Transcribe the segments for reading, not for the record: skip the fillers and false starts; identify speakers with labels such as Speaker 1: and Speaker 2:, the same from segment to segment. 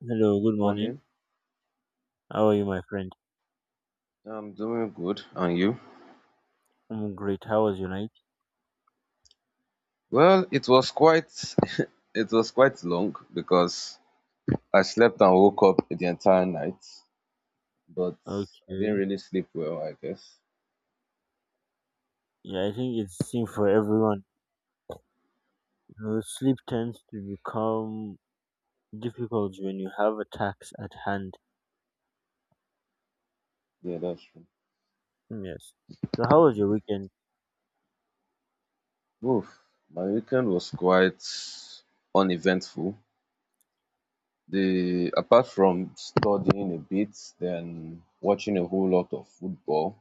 Speaker 1: Hello,
Speaker 2: Good
Speaker 1: good morning.
Speaker 2: morning.
Speaker 1: How are you, my friend?
Speaker 2: I'm doing good. And you?
Speaker 1: I'm great. How was your night?
Speaker 2: Well, it was quite it was quite long because I slept and woke up the entire night, but I didn't
Speaker 1: Okay.
Speaker 2: really sleep well, I guess.
Speaker 1: Yeah, I think it's same for everyone. You know, sleep tends to become difficult when you have a task at hand.
Speaker 2: Yeah, that's true.
Speaker 1: Mm, yes. So how was your weekend?
Speaker 2: Oof, my weekend was quite uneventful. The apart from studying a bit, then watching a whole lot of football,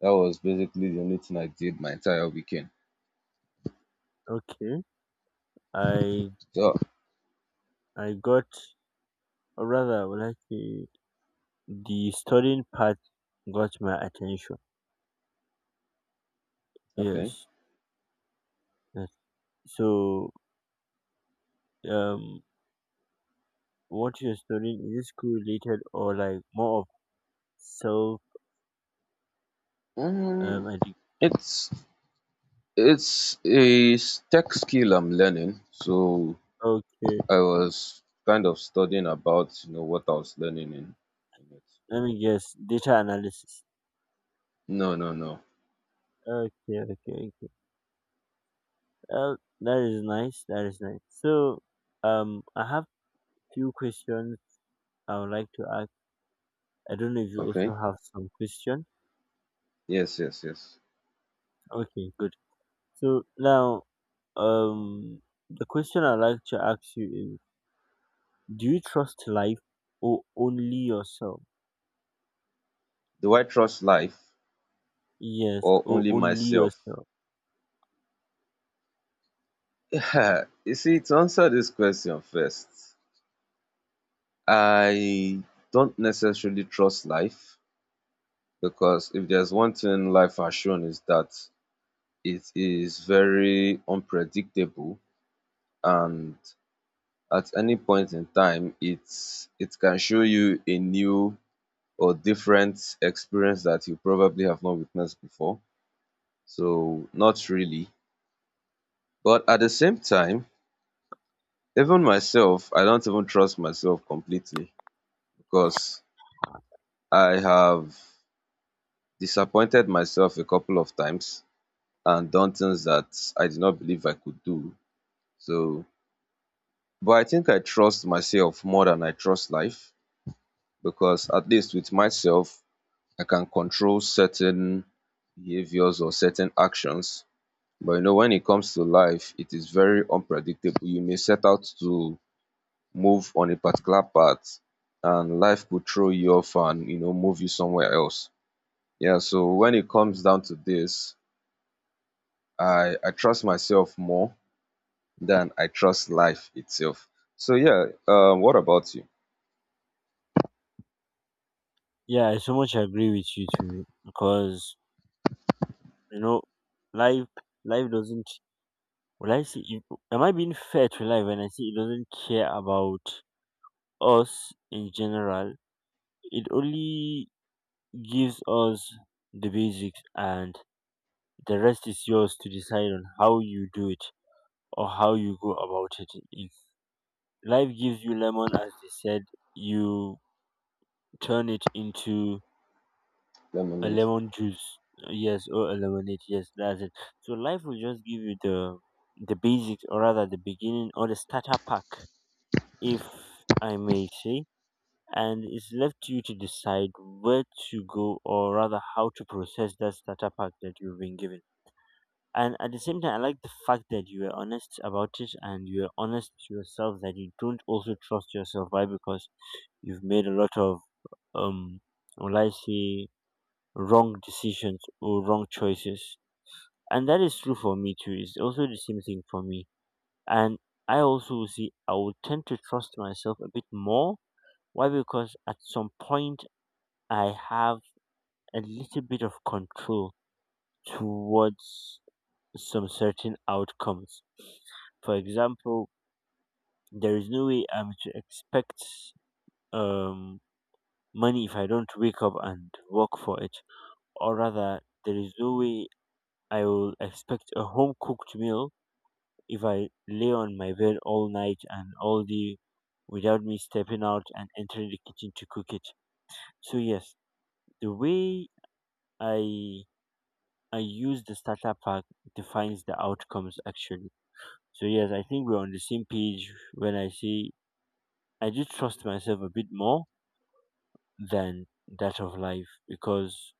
Speaker 2: that was basically the only thing I did my entire weekend.
Speaker 1: Okay. I
Speaker 2: So,
Speaker 1: I got or rather well actually the studying part got my attention.
Speaker 2: okay.
Speaker 1: Yes. Yes. So um what you're studying, is it school related or like more of self
Speaker 2: Mm,
Speaker 1: education?
Speaker 2: it's it's a tech skill I'm learning. So
Speaker 1: Okay,
Speaker 2: I was kind of studying about, you know, what I was learning in it.
Speaker 1: let me guess. Data analysis.
Speaker 2: No, no, no.
Speaker 1: Okay, okay, okay. Well, that is nice. That is nice. So, I have few questions I would like to ask. I don't know if you
Speaker 2: Okay.
Speaker 1: also have some question.
Speaker 2: Yes, yes, yes.
Speaker 1: Okay, good. So now, um, the question I'd like to ask you is: do you trust life or only yourself?
Speaker 2: Do I trust life
Speaker 1: Yes,
Speaker 2: or
Speaker 1: or
Speaker 2: only
Speaker 1: only
Speaker 2: myself?
Speaker 1: yourself.
Speaker 2: Yeah, you see, to answer this question first, I don't necessarily trust life because if there's one thing life has shown is that it is very unpredictable and at any point in time it can show you a new or different experience that you probably have not witnessed before. So not really. But at the same time, even myself, I don't even trust myself completely because I have disappointed myself a couple of times and done things that I did not believe I could do. So but I think I trust myself more than I trust life because at least with myself I can control certain behaviors or certain actions. But you know, when it comes to life, it is very unpredictable. You may set out to move on a particular path, and life could throw you off and you know move you somewhere else. Yeah. So when it comes down to this, I trust myself more than I trust life itself. So yeah. What about you?
Speaker 1: Yeah, I so much agree with you too because you know, life life doesn't. Will I see it? Am I being fair to life when I say it doesn't care about us in general? It only gives us the basics, and the rest is yours to decide on how you do it or how you go about it. If life gives you lemon, as they said, you turn it into a
Speaker 2: Lemonade.
Speaker 1: lemon juice, yes, or a lemonade, yes, that's it. So life will just give you the basics, or rather the beginning or the starter pack if I may say, and it's left to you to decide where to go or rather how to process that starter pack that you've been given. And at the same time, I like the fact that you were honest about it and you were honest to yourself that you don't also trust yourself. Why? Because you've made a lot of, um, will I say, wrong decisions or wrong choices. And that is true for me too. It's also the same thing for me. And I also see I would tend to trust myself a bit more. Why? Because at some point I have a little bit of control towards some certain outcomes. For example, there is no way I'm to expect um, money if I don't wake up and work for it. Or rather, there is no way I will expect a home cooked meal if I lay on my bed all night and all day without me stepping out and entering the kitchen to cook it. So, yes, the way I I use the starter pack defines the outcomes actually. So yes, I think we're on the same page when I say I do trust myself a bit more than that of life because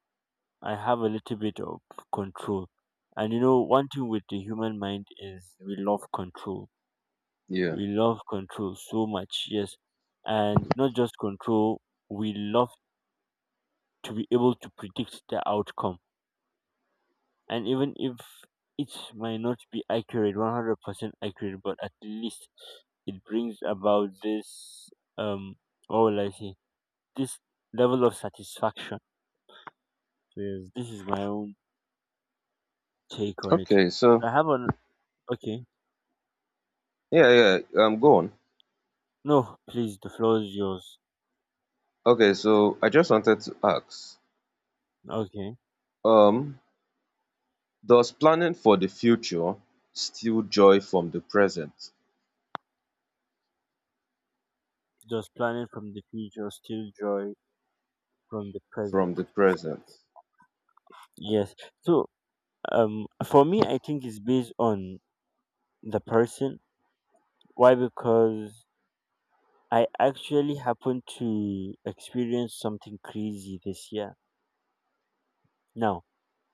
Speaker 1: I have a little bit of control. And you know, one thing with the human mind is we love control.
Speaker 2: Yeah.
Speaker 1: We love control so much, yes. And not just control, we love to be able to predict the outcome, and even if it might not be accurate 100% accurate, but at least it brings about this um what will I say this level of satisfaction. So yes, this is my own take on it.
Speaker 2: Okay. So
Speaker 1: I have an okay.
Speaker 2: yeah. Yeah. Go on.
Speaker 1: No please, the floor is yours.
Speaker 2: Okay. So I just wanted to ask.
Speaker 1: Okay,
Speaker 2: um Does planning for the future steal joy from the present?
Speaker 1: just planning from the future still joy from the present?
Speaker 2: From the present.
Speaker 1: Yes, so for me I think it's based on the person. Why? Because I actually happened to experience something crazy this year. Now,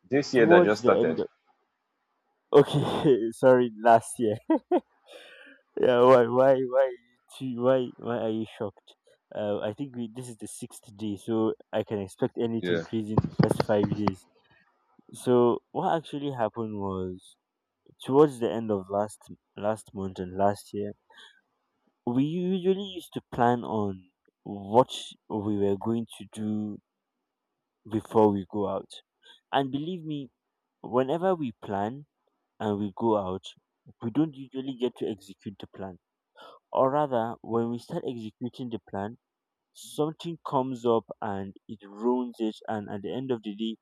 Speaker 2: This year that
Speaker 1: towards
Speaker 2: just
Speaker 1: the end
Speaker 2: started.
Speaker 1: of okay, sorry, last year. Yeah, why, why are you shocked? I think we, this is the sixth day, so I can expect anything
Speaker 2: Yeah.
Speaker 1: crazy in the first 5 days. So, what actually happened was towards the end of last month and last year, we usually used to plan on what we were going to do before we go out. And believe me, whenever we plan and we go out, we don't usually get to execute the plan. Or rather, when we start executing the plan, something comes up and it ruins it. And at the end of the day,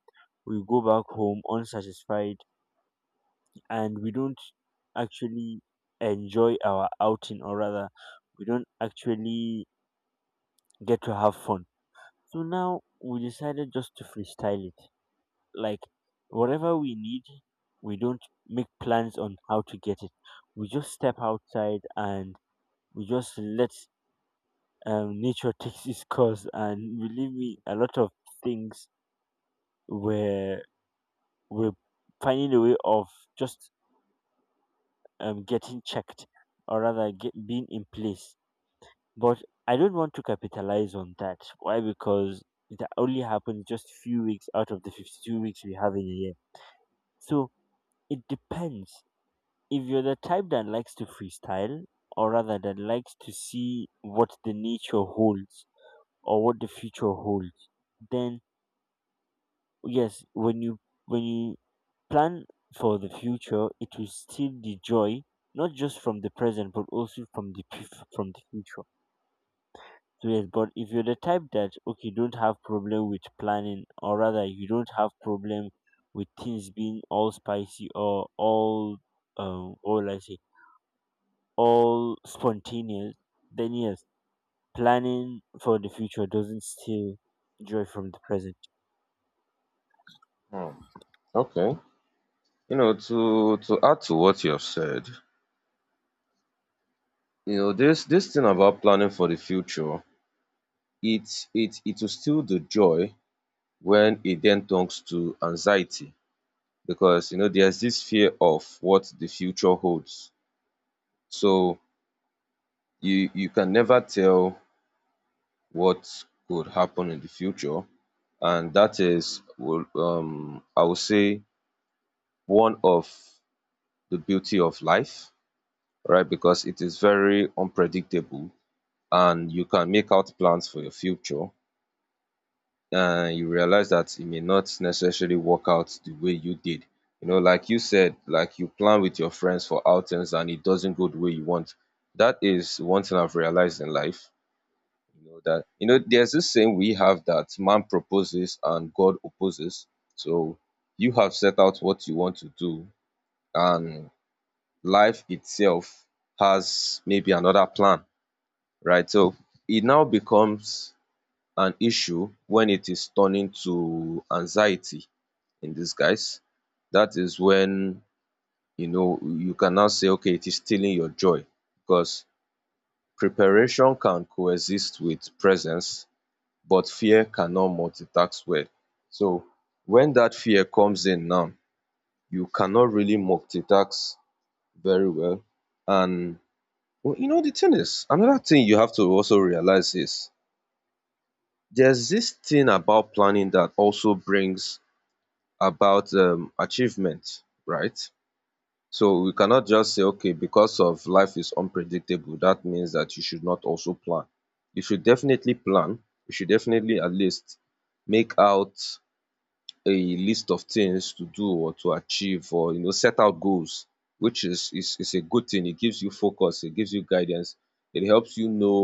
Speaker 1: we go back home unsatisfied and we don't actually enjoy our outing, or rather, we don't actually get to have fun. So now we decided just to freestyle it. Like, whatever we need, we don't make plans on how to get it. We just step outside and we just let nature takes its course, and believe me, a lot of things where we're finding a way of just getting checked or rather being in place. But I don't want to capitalize on that. Why? Because it only happens just few weeks out of the 52 weeks we have in a year. So it depends. If you're the type that likes to freestyle, or rather that likes to see what the nature holds or what the future holds, then yes, when you plan for the future, it will still the joy not just from the present but also from the from the future. So yes, but if you're the type that okay don't have problem with planning, or rather you don't have problem with things being all spicy or all I say all spontaneous, then yes, planning for the future doesn't steal joy from the present.
Speaker 2: Hmm. Okay. You know, to add to what you have said, you know, this thing about planning for the future, it will steal the joy when it then turns to anxiety because you know there's this fear of what the future holds. So you can never tell what could happen in the future, and that is will I would say one of the beauty of life, right? Because it is very unpredictable and you can make out plans for your future and you realize that it may not necessarily work out the way you did. You know, like you said, like you plan with your friends for outings and it doesn't go the way you want. That is one thing I've realized in life. You know that, you know, there's this saying we have that man proposes and God opposes. So you have set out what you want to do, and life itself has maybe another plan, right? So it now becomes an issue when it is turning to anxiety in disguise. That is when, you know, you can now say, okay, it is stealing your joy because preparation can coexist with presence but fear cannot multitask well. So when that fear comes in now, you cannot really multitask very well. And well, you know, the thing is, another thing you have to also realize is there's this thing about planning that also brings about achievement, right? So we cannot just say okay because of life is unpredictable that means that you should not also plan. You should definitely plan, you should definitely at least make out a list of things to do or to achieve or, you know, set out goals, which is a good thing. It gives you focus, it gives you guidance, it helps you know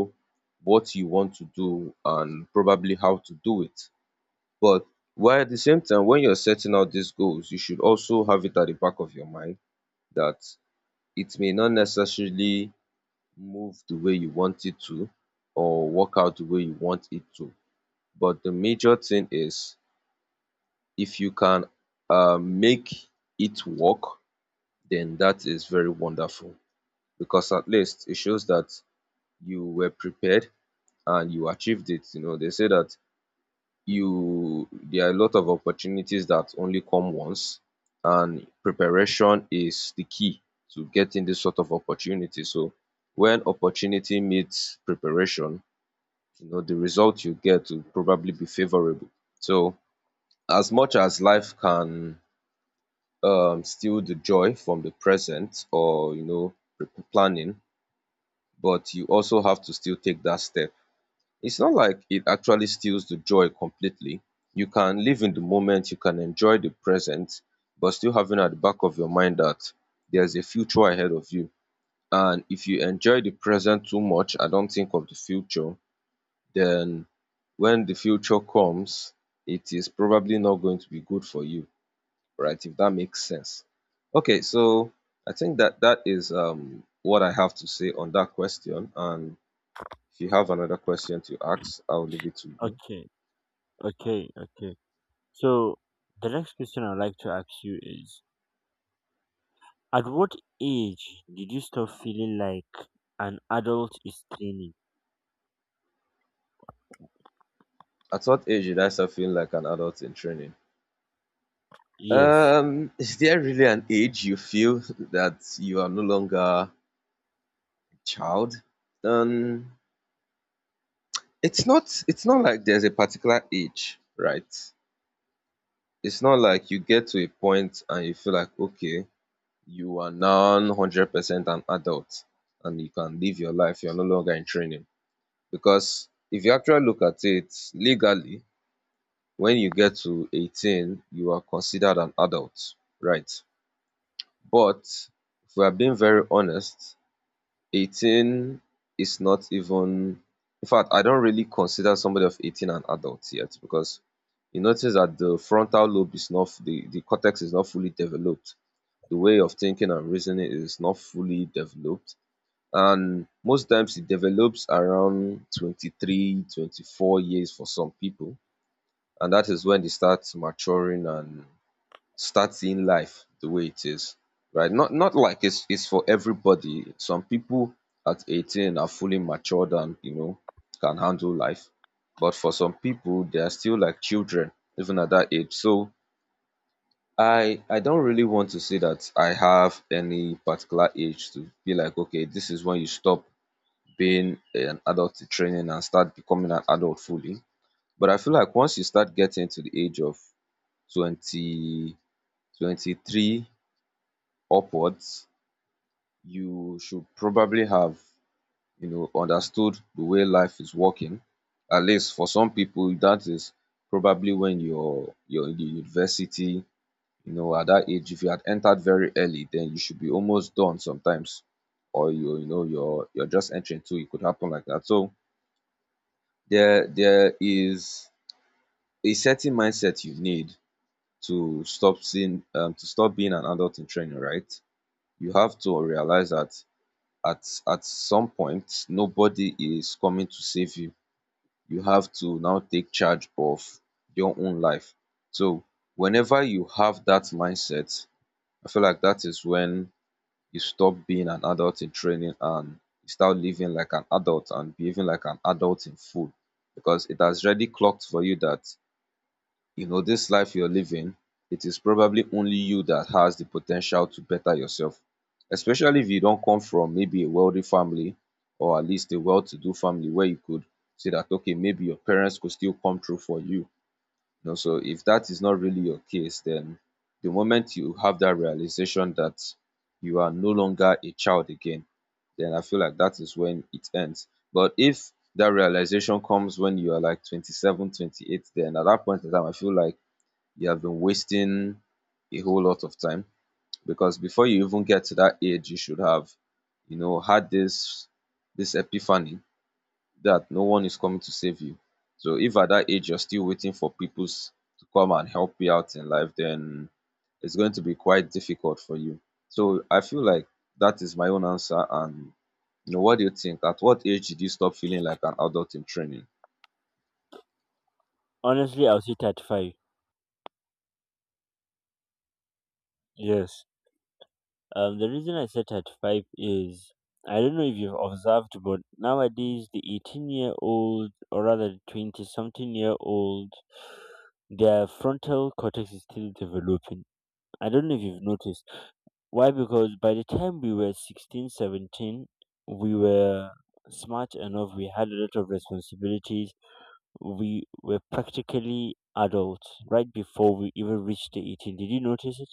Speaker 2: what you want to do and probably how to do it. But while at the same time when you're setting out these goals, you should also have it at the back of your mind that it may not necessarily move the way you want it to or work out the way you want it to. But the major thing is, if you can make it work, then that is very wonderful because at least it shows that you were prepared and you achieved it. You know, they say that you there are a lot of opportunities that only come once, and preparation is the key to getting this sort of opportunity. So when opportunity meets preparation, you know, the result you get will probably be favorable. So as much as life can steal the joy from the present or, you know, planning, but you also have to still take that step. It's not like it actually steals the joy completely. You can live in the moment, you can enjoy the present, but still having at the back of your mind that there's a future ahead of you. And if you enjoy the present too much and don't think of the future, then when the future comes, it is probably not going to be good for you, right? If that makes sense. Okay, so I think that is what I have to say on that question. And if you have another question to ask, I'll leave it to you.
Speaker 1: Okay, okay, okay. So the next question I'd like to ask you is at what age did you stop feeling like an adult is training?
Speaker 2: At what age did I start feeling like an adult in training?
Speaker 1: Yes.
Speaker 2: Is there really an age you feel that you are no longer a child? Um, it's not. It's not like there's a particular age, right? It's not like you get to a point and you feel like, okay, you are now 100% an adult and you can live your life. You're no longer in training. Because if you actually look at it legally, when you get to 18, you are considered an adult, right? But if we are being very honest, 18 is not even, in fact, I don't really consider somebody of 18 an adult yet because you notice that the frontal lobe is not, the cortex is not fully developed. The way of thinking and reasoning is not fully developed, and most times it develops around 23 24 years for some people, and that is when they start maturing and start seeing life the way it is, right? Not like it's for everybody. Some people at 18 are fully matured and, you know, can handle life, but for some people they are still like children even at that age. So I don't really want to say that I have any particular age to be like, okay, this is when you stop being an adult in training and start becoming an adult fully. But I feel like once you start getting to the age of 20 23 upwards, you should probably have, you know, understood the way life is working. At least for some people, that is probably when you're in the university, you know, at that age. If you had entered very early then you should be almost done sometimes, or you're just entering too. It could happen like that. So there is a certain mindset you need to stop seeing, to stop being an adult in training, right? You have to realize that at some point nobody is coming to save you. You have to now take charge of your own life. So whenever you have that mindset, I feel like that is when you stop being an adult in training and you start living like an adult and behaving like an adult in full, because it has already clocked for you that, you know, this life you're living, it is probably only you that has the potential to better yourself, especially if you don't come from maybe a wealthy family, or at least a well-to-do family, where you could say that, okay, maybe your parents could still come through for you, you know. So if that is not really your case, then the moment you have that realization that you are no longer a child again, then I feel like that is when it ends. But if that realization comes when you are like 27, 28, then at that point in time, I feel like you have been wasting a whole lot of time because before you even get to that age, you should have, you know, had this epiphany that no one is coming to save you. So if at that age you're still waiting for to come and help you out in life, then it's going to be quite difficult for you. So I feel like that is my own answer. And you know, what do you think? At what age did you stop feeling like an adult in training?
Speaker 1: Honestly, I'll say 35. Yes. The reason I said 35 is I don't know if you've observed, but nowadays the 18 year old or rather the 20 something year old, their frontal cortex is still developing. I don't know if you've noticed. Why? Because by the time we were 16, 17, we were smart enough, we had a lot of responsibilities, we were practically adults right before we even reached the 18. Did you notice it?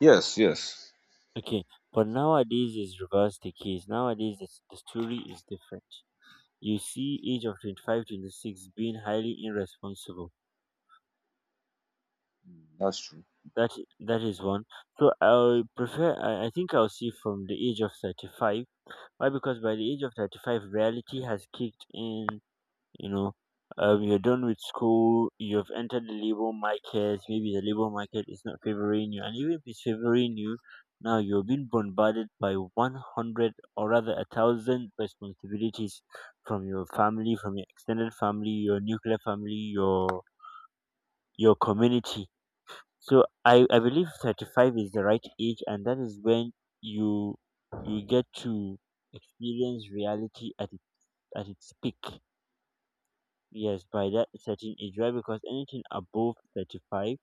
Speaker 2: Yes, yes,
Speaker 1: Okay, but nowadays is reverse the case. Nowadays the story is different. You see age of 25, 26 being highly irresponsible.
Speaker 2: that's true.
Speaker 1: That that is one. So I think I'll see from the age of 35. Why? Because by the age of 35, reality has kicked in, you know. You're done with school, you've entered the labor market, maybe the labor market is not favoring you, and even if it's favoring you, now you're being bombarded by 100 or rather a thousand responsibilities from your family, from your extended family, your nuclear family, your community. So I believe 35 is the right age, and that is when you you get to experience reality at at its peak. Yes, by that certain age, right? Because anything above 35,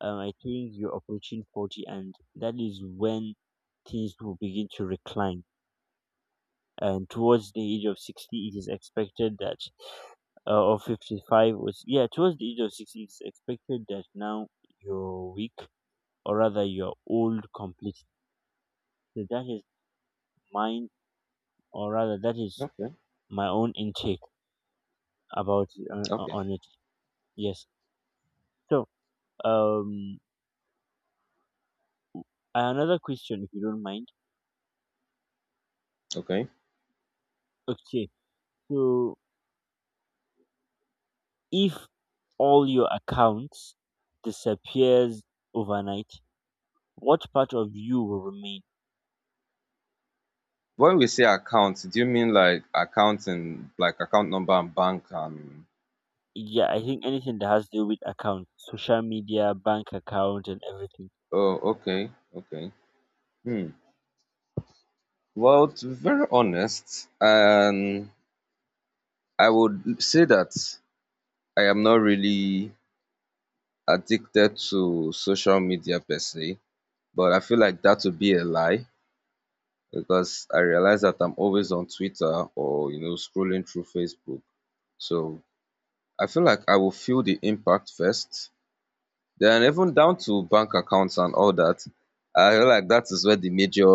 Speaker 1: I think you're approaching 40, and that is when things will begin to recline. And towards the age of 60, it is expected that, or fifty five was yeah, towards the age of 60, it's expected that now you're weak, or rather you're old completely. So that is mine, or rather, that is
Speaker 2: Okay,
Speaker 1: my own intake about
Speaker 2: okay,
Speaker 1: on it. Yes. So, um, another question, if you don't mind.
Speaker 2: okay.
Speaker 1: Okay. So, if all your accounts disappears overnight, what part of you will remain?
Speaker 2: When we say account, do you mean like accounting, like account number and bank? And
Speaker 1: Yeah, I think anything that has to do with accounts, social media, bank account, and everything.
Speaker 2: oh, okay, okay. Hmm. Well, to be very honest, I would say that I am not really addicted to social media per se, but I feel like that would be a lie because I realize that I'm always on Twitter or you know scrolling through Facebook. So I feel like I will feel the impact first. Then even down to bank accounts and all that, I feel like that is where the major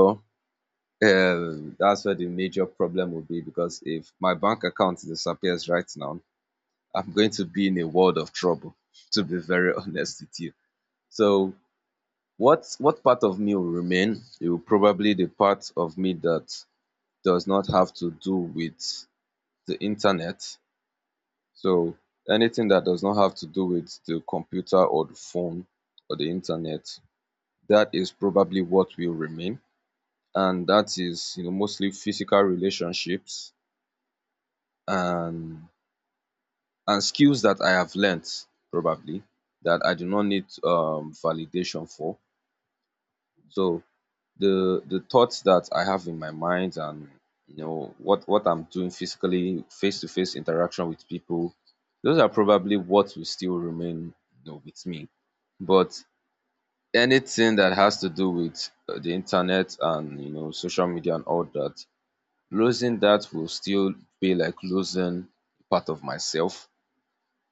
Speaker 2: that's where the major problem will be because if my bank account disappears right now, I'm going to be in a world of trouble, to be very honest with you. So what part of me will remain? It will probably the part of me that does not have to do with the internet. So anything that does not have to do with the computer or the phone or the internet, that is probably what will remain. And that is, you know, mostly physical relationships and skills that I have learnt probably that I do not need validation for. So the thoughts that I have in my mind and you know what I'm doing physically, face to face interaction with people, those are probably what will still remain you know, with me. But anything that has to do with the internet and you know social media and all that, losing that will still be like losing part of myself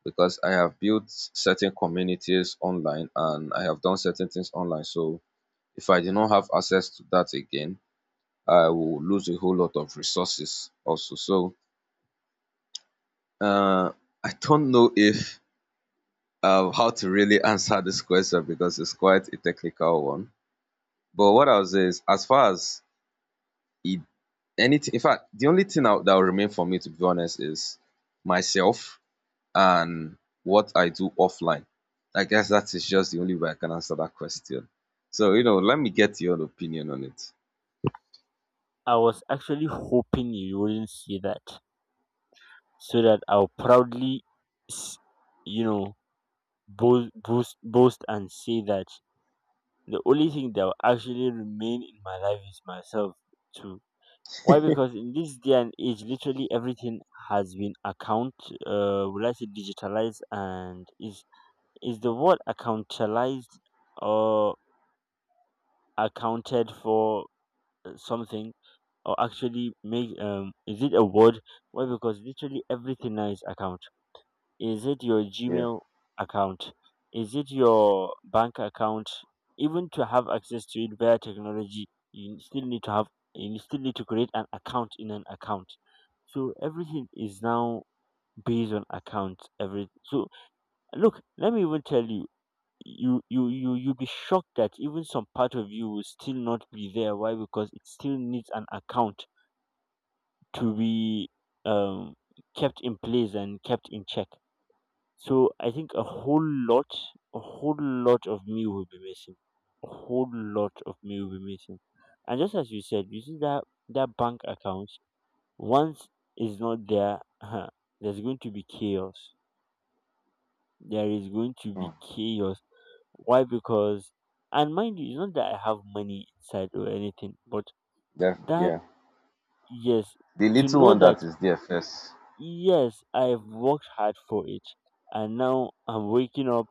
Speaker 2: because I have built certain communities online and I have done certain things online. So if I did not have access to that again, I will lose a whole lot of resources also. So uh, I don't know if how to really answer this question because it's quite a technical one. But what I'll say is, as far as it, anything, in fact, the only thing that will remain for me, to be honest, is myself and what I do offline. I guess that is just the only way I can answer that question. So, you know, let me get your opinion on it.
Speaker 1: I was actually hoping you wouldn't say that, so that I'll proudly, s- you know, boast and say that the only thing that will actually remain in my life is myself too. Why? Because in this day and age, literally everything has been account, will I say digitalized. And is the word accountalized or accounted for something or actually make is it a word? Why? Because literally everything now is account. Is it your
Speaker 2: Yeah.
Speaker 1: Gmail account, is it your bank account? Even to have access to it via technology, you still need to create an account in an account. So everything is now based on accounts. Every so look, let me even tell you, you'll be shocked that even some part of you will still not be there. Why? Because it still needs an account to be um kept in place and kept in check. So I think a whole lot of me will be missing. A whole lot of me will be missing. And just as you said, you see that that bank account, once is not there, huh, there's going to be chaos. There is going to be
Speaker 2: Mm.
Speaker 1: chaos. Why? Because, and mind you, it's not that I have money inside or anything, but
Speaker 2: Yeah.
Speaker 1: that
Speaker 2: Yeah.
Speaker 1: yes,
Speaker 2: The
Speaker 1: to
Speaker 2: little
Speaker 1: know
Speaker 2: one
Speaker 1: that
Speaker 2: that is there first.
Speaker 1: yes, I've worked hard for it, and now I'm waking up,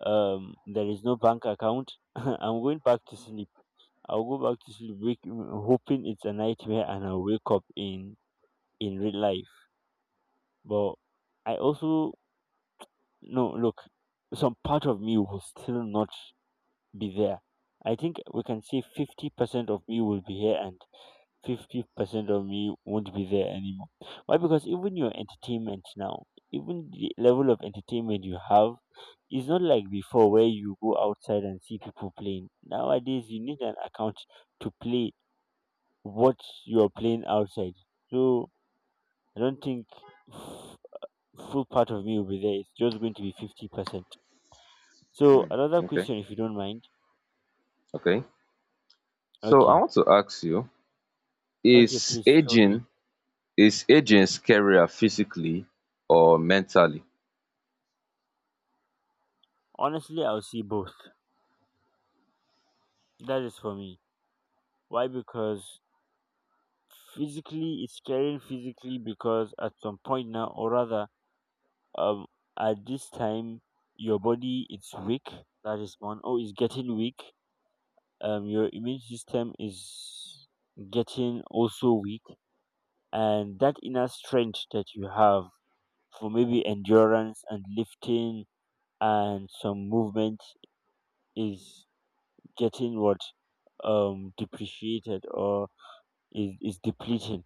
Speaker 1: there is no bank account, I'm going back to sleep. I'll go back to sleep, wake, hoping it's a nightmare and I'll wake up in real life. But I also, no look, some part of me will still not be there. I think we can say 50% of me will be here and 50% of me won't be there anymore. Why? Because even your entertainment now, even the level of entertainment you have, is not like before where you go outside and see people playing. Nowadays, you need an account to play what you're playing outside. So I don't think f- full part of me will be there. It's just going to be 50%. So
Speaker 2: Hmm.
Speaker 1: another
Speaker 2: Okay.
Speaker 1: question, if you don't mind.
Speaker 2: Okay. So I
Speaker 1: Okay,
Speaker 2: want to ask you,
Speaker 1: okay,
Speaker 2: is
Speaker 1: please feel free.
Speaker 2: aging is aging scarier physically or mentally?
Speaker 1: Honestly, I'll see both. That is for me. Why? Because physically it's caring physically because at some point now or rather, um at this time your body it's weak, that is one. Oh, it's getting weak. Your immune system is getting also weak, and that inner strength that you have for maybe endurance and lifting and some movement is getting what, depreciated, or is depleting.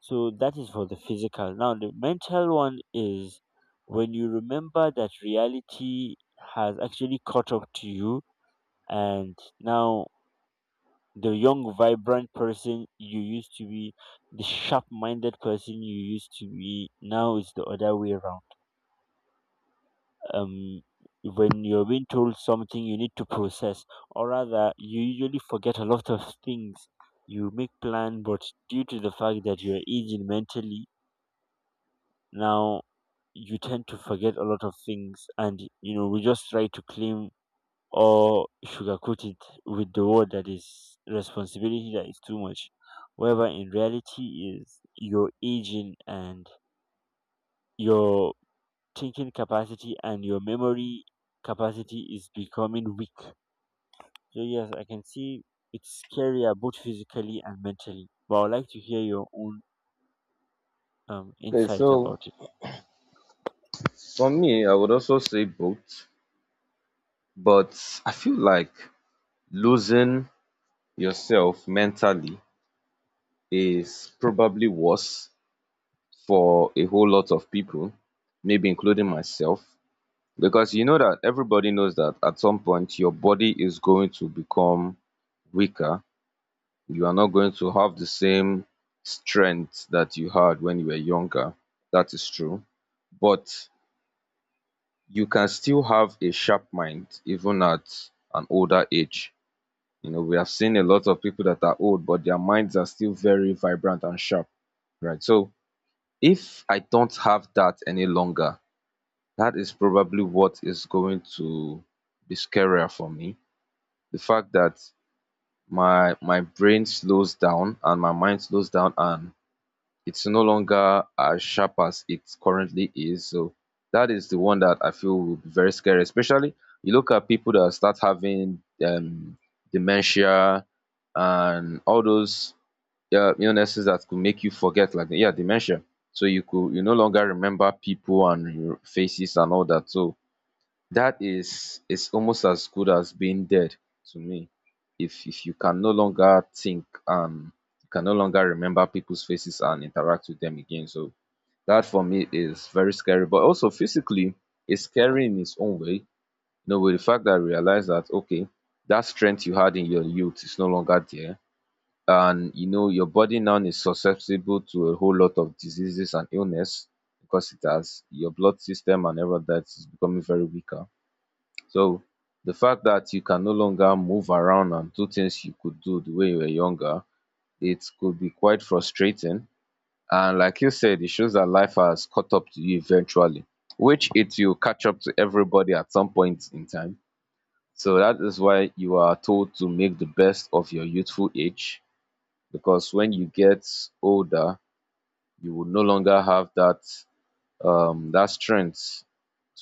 Speaker 1: So that is for the physical. Now, the mental one is when you remember that reality has actually caught up to you, and now the young, vibrant person you used to be, the sharp minded person you used to be, now is the other way around. Um, when you're being told something, you need to process, or rather, you usually forget a lot of things. You make plan, but due to the fact that you're aging mentally, now you tend to forget a lot of things, and you know we just try to claim or sugarcoat it with the word that is responsibility that is too much, wherever in reality is your aging, and your thinking capacity and your memory capacity is becoming weak. So yes, I can see it's scarier both physically and mentally, but I'd like to hear your own
Speaker 2: Okay,
Speaker 1: insight
Speaker 2: so
Speaker 1: about it.
Speaker 2: for me, I would also say both, but I feel like losing yourself mentally is probably worse for a whole lot of people, maybe including myself, because you know that everybody knows that at some point your body is going to become weaker. You are not going to have the same strength that you had when you were younger. That is true. But you can still have a sharp mind even at an older age. You know, we have seen a lot of people that are old, but their minds are still very vibrant and sharp, right? So if I don't have that any longer, that is probably what is going to be scarier for me, the fact that my brain slows down and my mind slows down and it's no longer as sharp as it currently is. So that is the one that I feel will be very scary, especially you look at people that start having dementia and all those illnesses that could make you forget, like, yeah, dementia. So you could you no longer remember people and your faces and all that. So that is almost as good as being dead to me. If you can no longer think and you can no longer remember people's faces and interact with them again. So that for me is very scary. But also physically it's scary in its own way, you know, with the fact that I realize that okay, that strength you had in your youth is no longer there, and you know your body now is susceptible to a whole lot of diseases and illness because it has your blood system and all of that is becoming very weaker. So the fact that you can no longer move around and do things you could do the way you were younger, it could be quite frustrating. And like you said, it shows that life has caught up to you eventually, which it will catch up to everybody at some point in time. So that is why you are told to make the best of your youthful age, because when you get older you will no longer have that that strength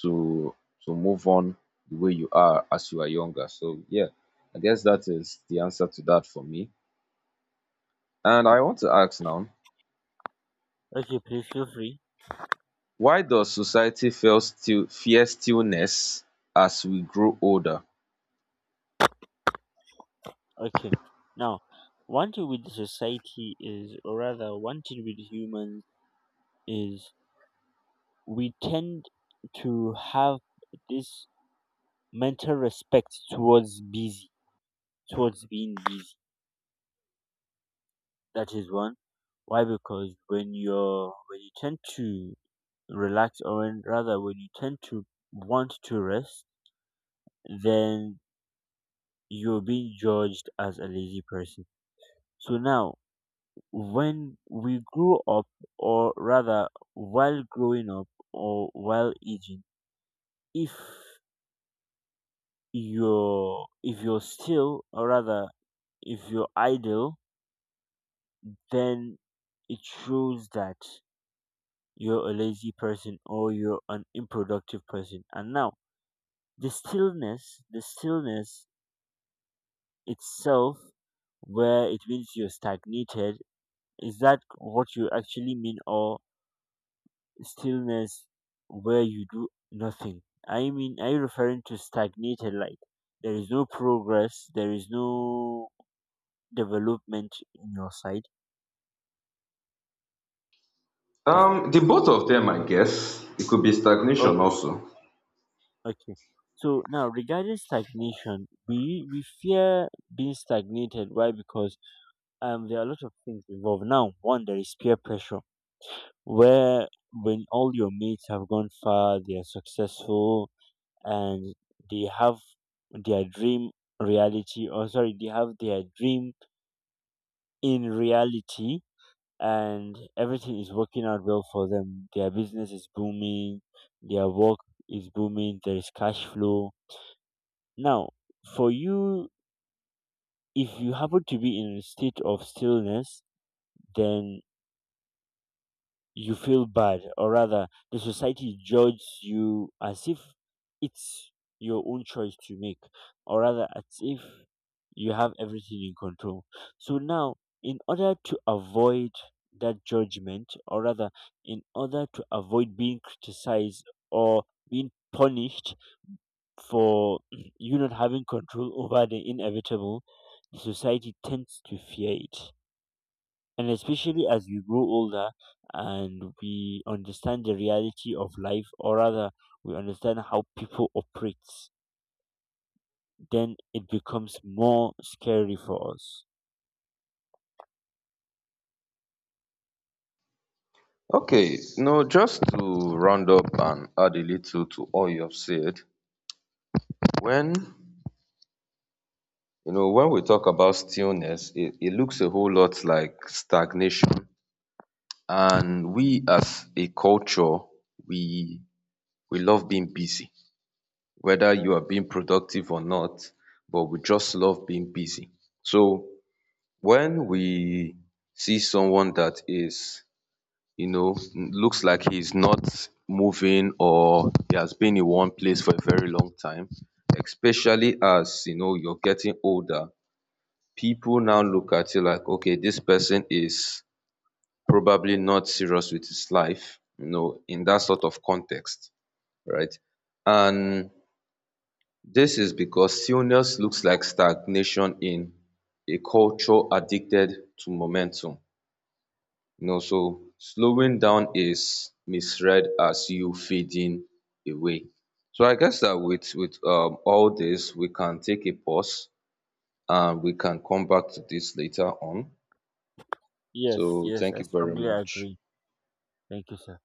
Speaker 2: to to move on the way you are as you are younger. So yeah, I guess that is the answer to that for me. And I want to ask now,
Speaker 1: Okay, please feel free.
Speaker 2: why does society feel still fear stillness as we grow older?
Speaker 1: Okay. Now, wanted with society is, or rather, wanted with humans is we tend to have this mental respect towards busy, towards being busy. That is one. Why? Because when you tend to relax, or when, rather, when you tend to want to rest, then you're being judged as a lazy person. So now, when we grow up, or rather, while growing up or while aging, if you're still, or rather, if you're idle, then it shows that you're a lazy person or you're an unproductive person. And now, the stillness itself, where it means you're stagnated, is that what you actually mean, or stillness where you do nothing. I mean, are you referring to stagnated? Like, there is no progress. There is no development in your side. Is,
Speaker 2: The both of them, I guess. It could be stagnation
Speaker 1: okay,
Speaker 2: also.
Speaker 1: okay. So now, regarding stagnation, we fear being stagnated. Why? Because there are a lot of things involved. Now, one, there is peer pressure, where when all your mates have gone far, they are successful, and they have their dream reality, or sorry, they have their dream in reality, and everything is working out well for them, their business is booming, their work is booming, there is cash flow. Now, for you, if you happen to be in a state of stillness, then you feel bad, or rather, the society judges you as if it's your own choice to make, or rather, as if you have everything in control. So now, in order to avoid that judgment, or rather, in order to avoid being criticized or being punished for you not having control over the inevitable, the society tends to fear it, and especially as we grow older and we understand the reality of life, or rather we understand how people operate, then it becomes more scary for us.
Speaker 2: Okay, no, just to round up and add a little to all you have said, when you know, when we talk about stillness, it looks a whole lot like stagnation. And we as a culture, we we love being busy, whether you are being productive or not, but we just love being busy. So when we see someone that is, you know, looks like he's not moving or he has been in one place for a very long time, especially as you know you're getting older, people now look at you like, okay, this person is probably not serious with his life, you know, in that sort of context, right? And this is because stillness looks like stagnation in a culture addicted to momentum. You know, so slowing down is misread as you fading away. So I guess that with all this, we can take a pause and we can come back to this later on.
Speaker 1: Yes,
Speaker 2: So
Speaker 1: yes,
Speaker 2: thank
Speaker 1: I
Speaker 2: you very
Speaker 1: strongly
Speaker 2: much.
Speaker 1: agree. Thank you, sir.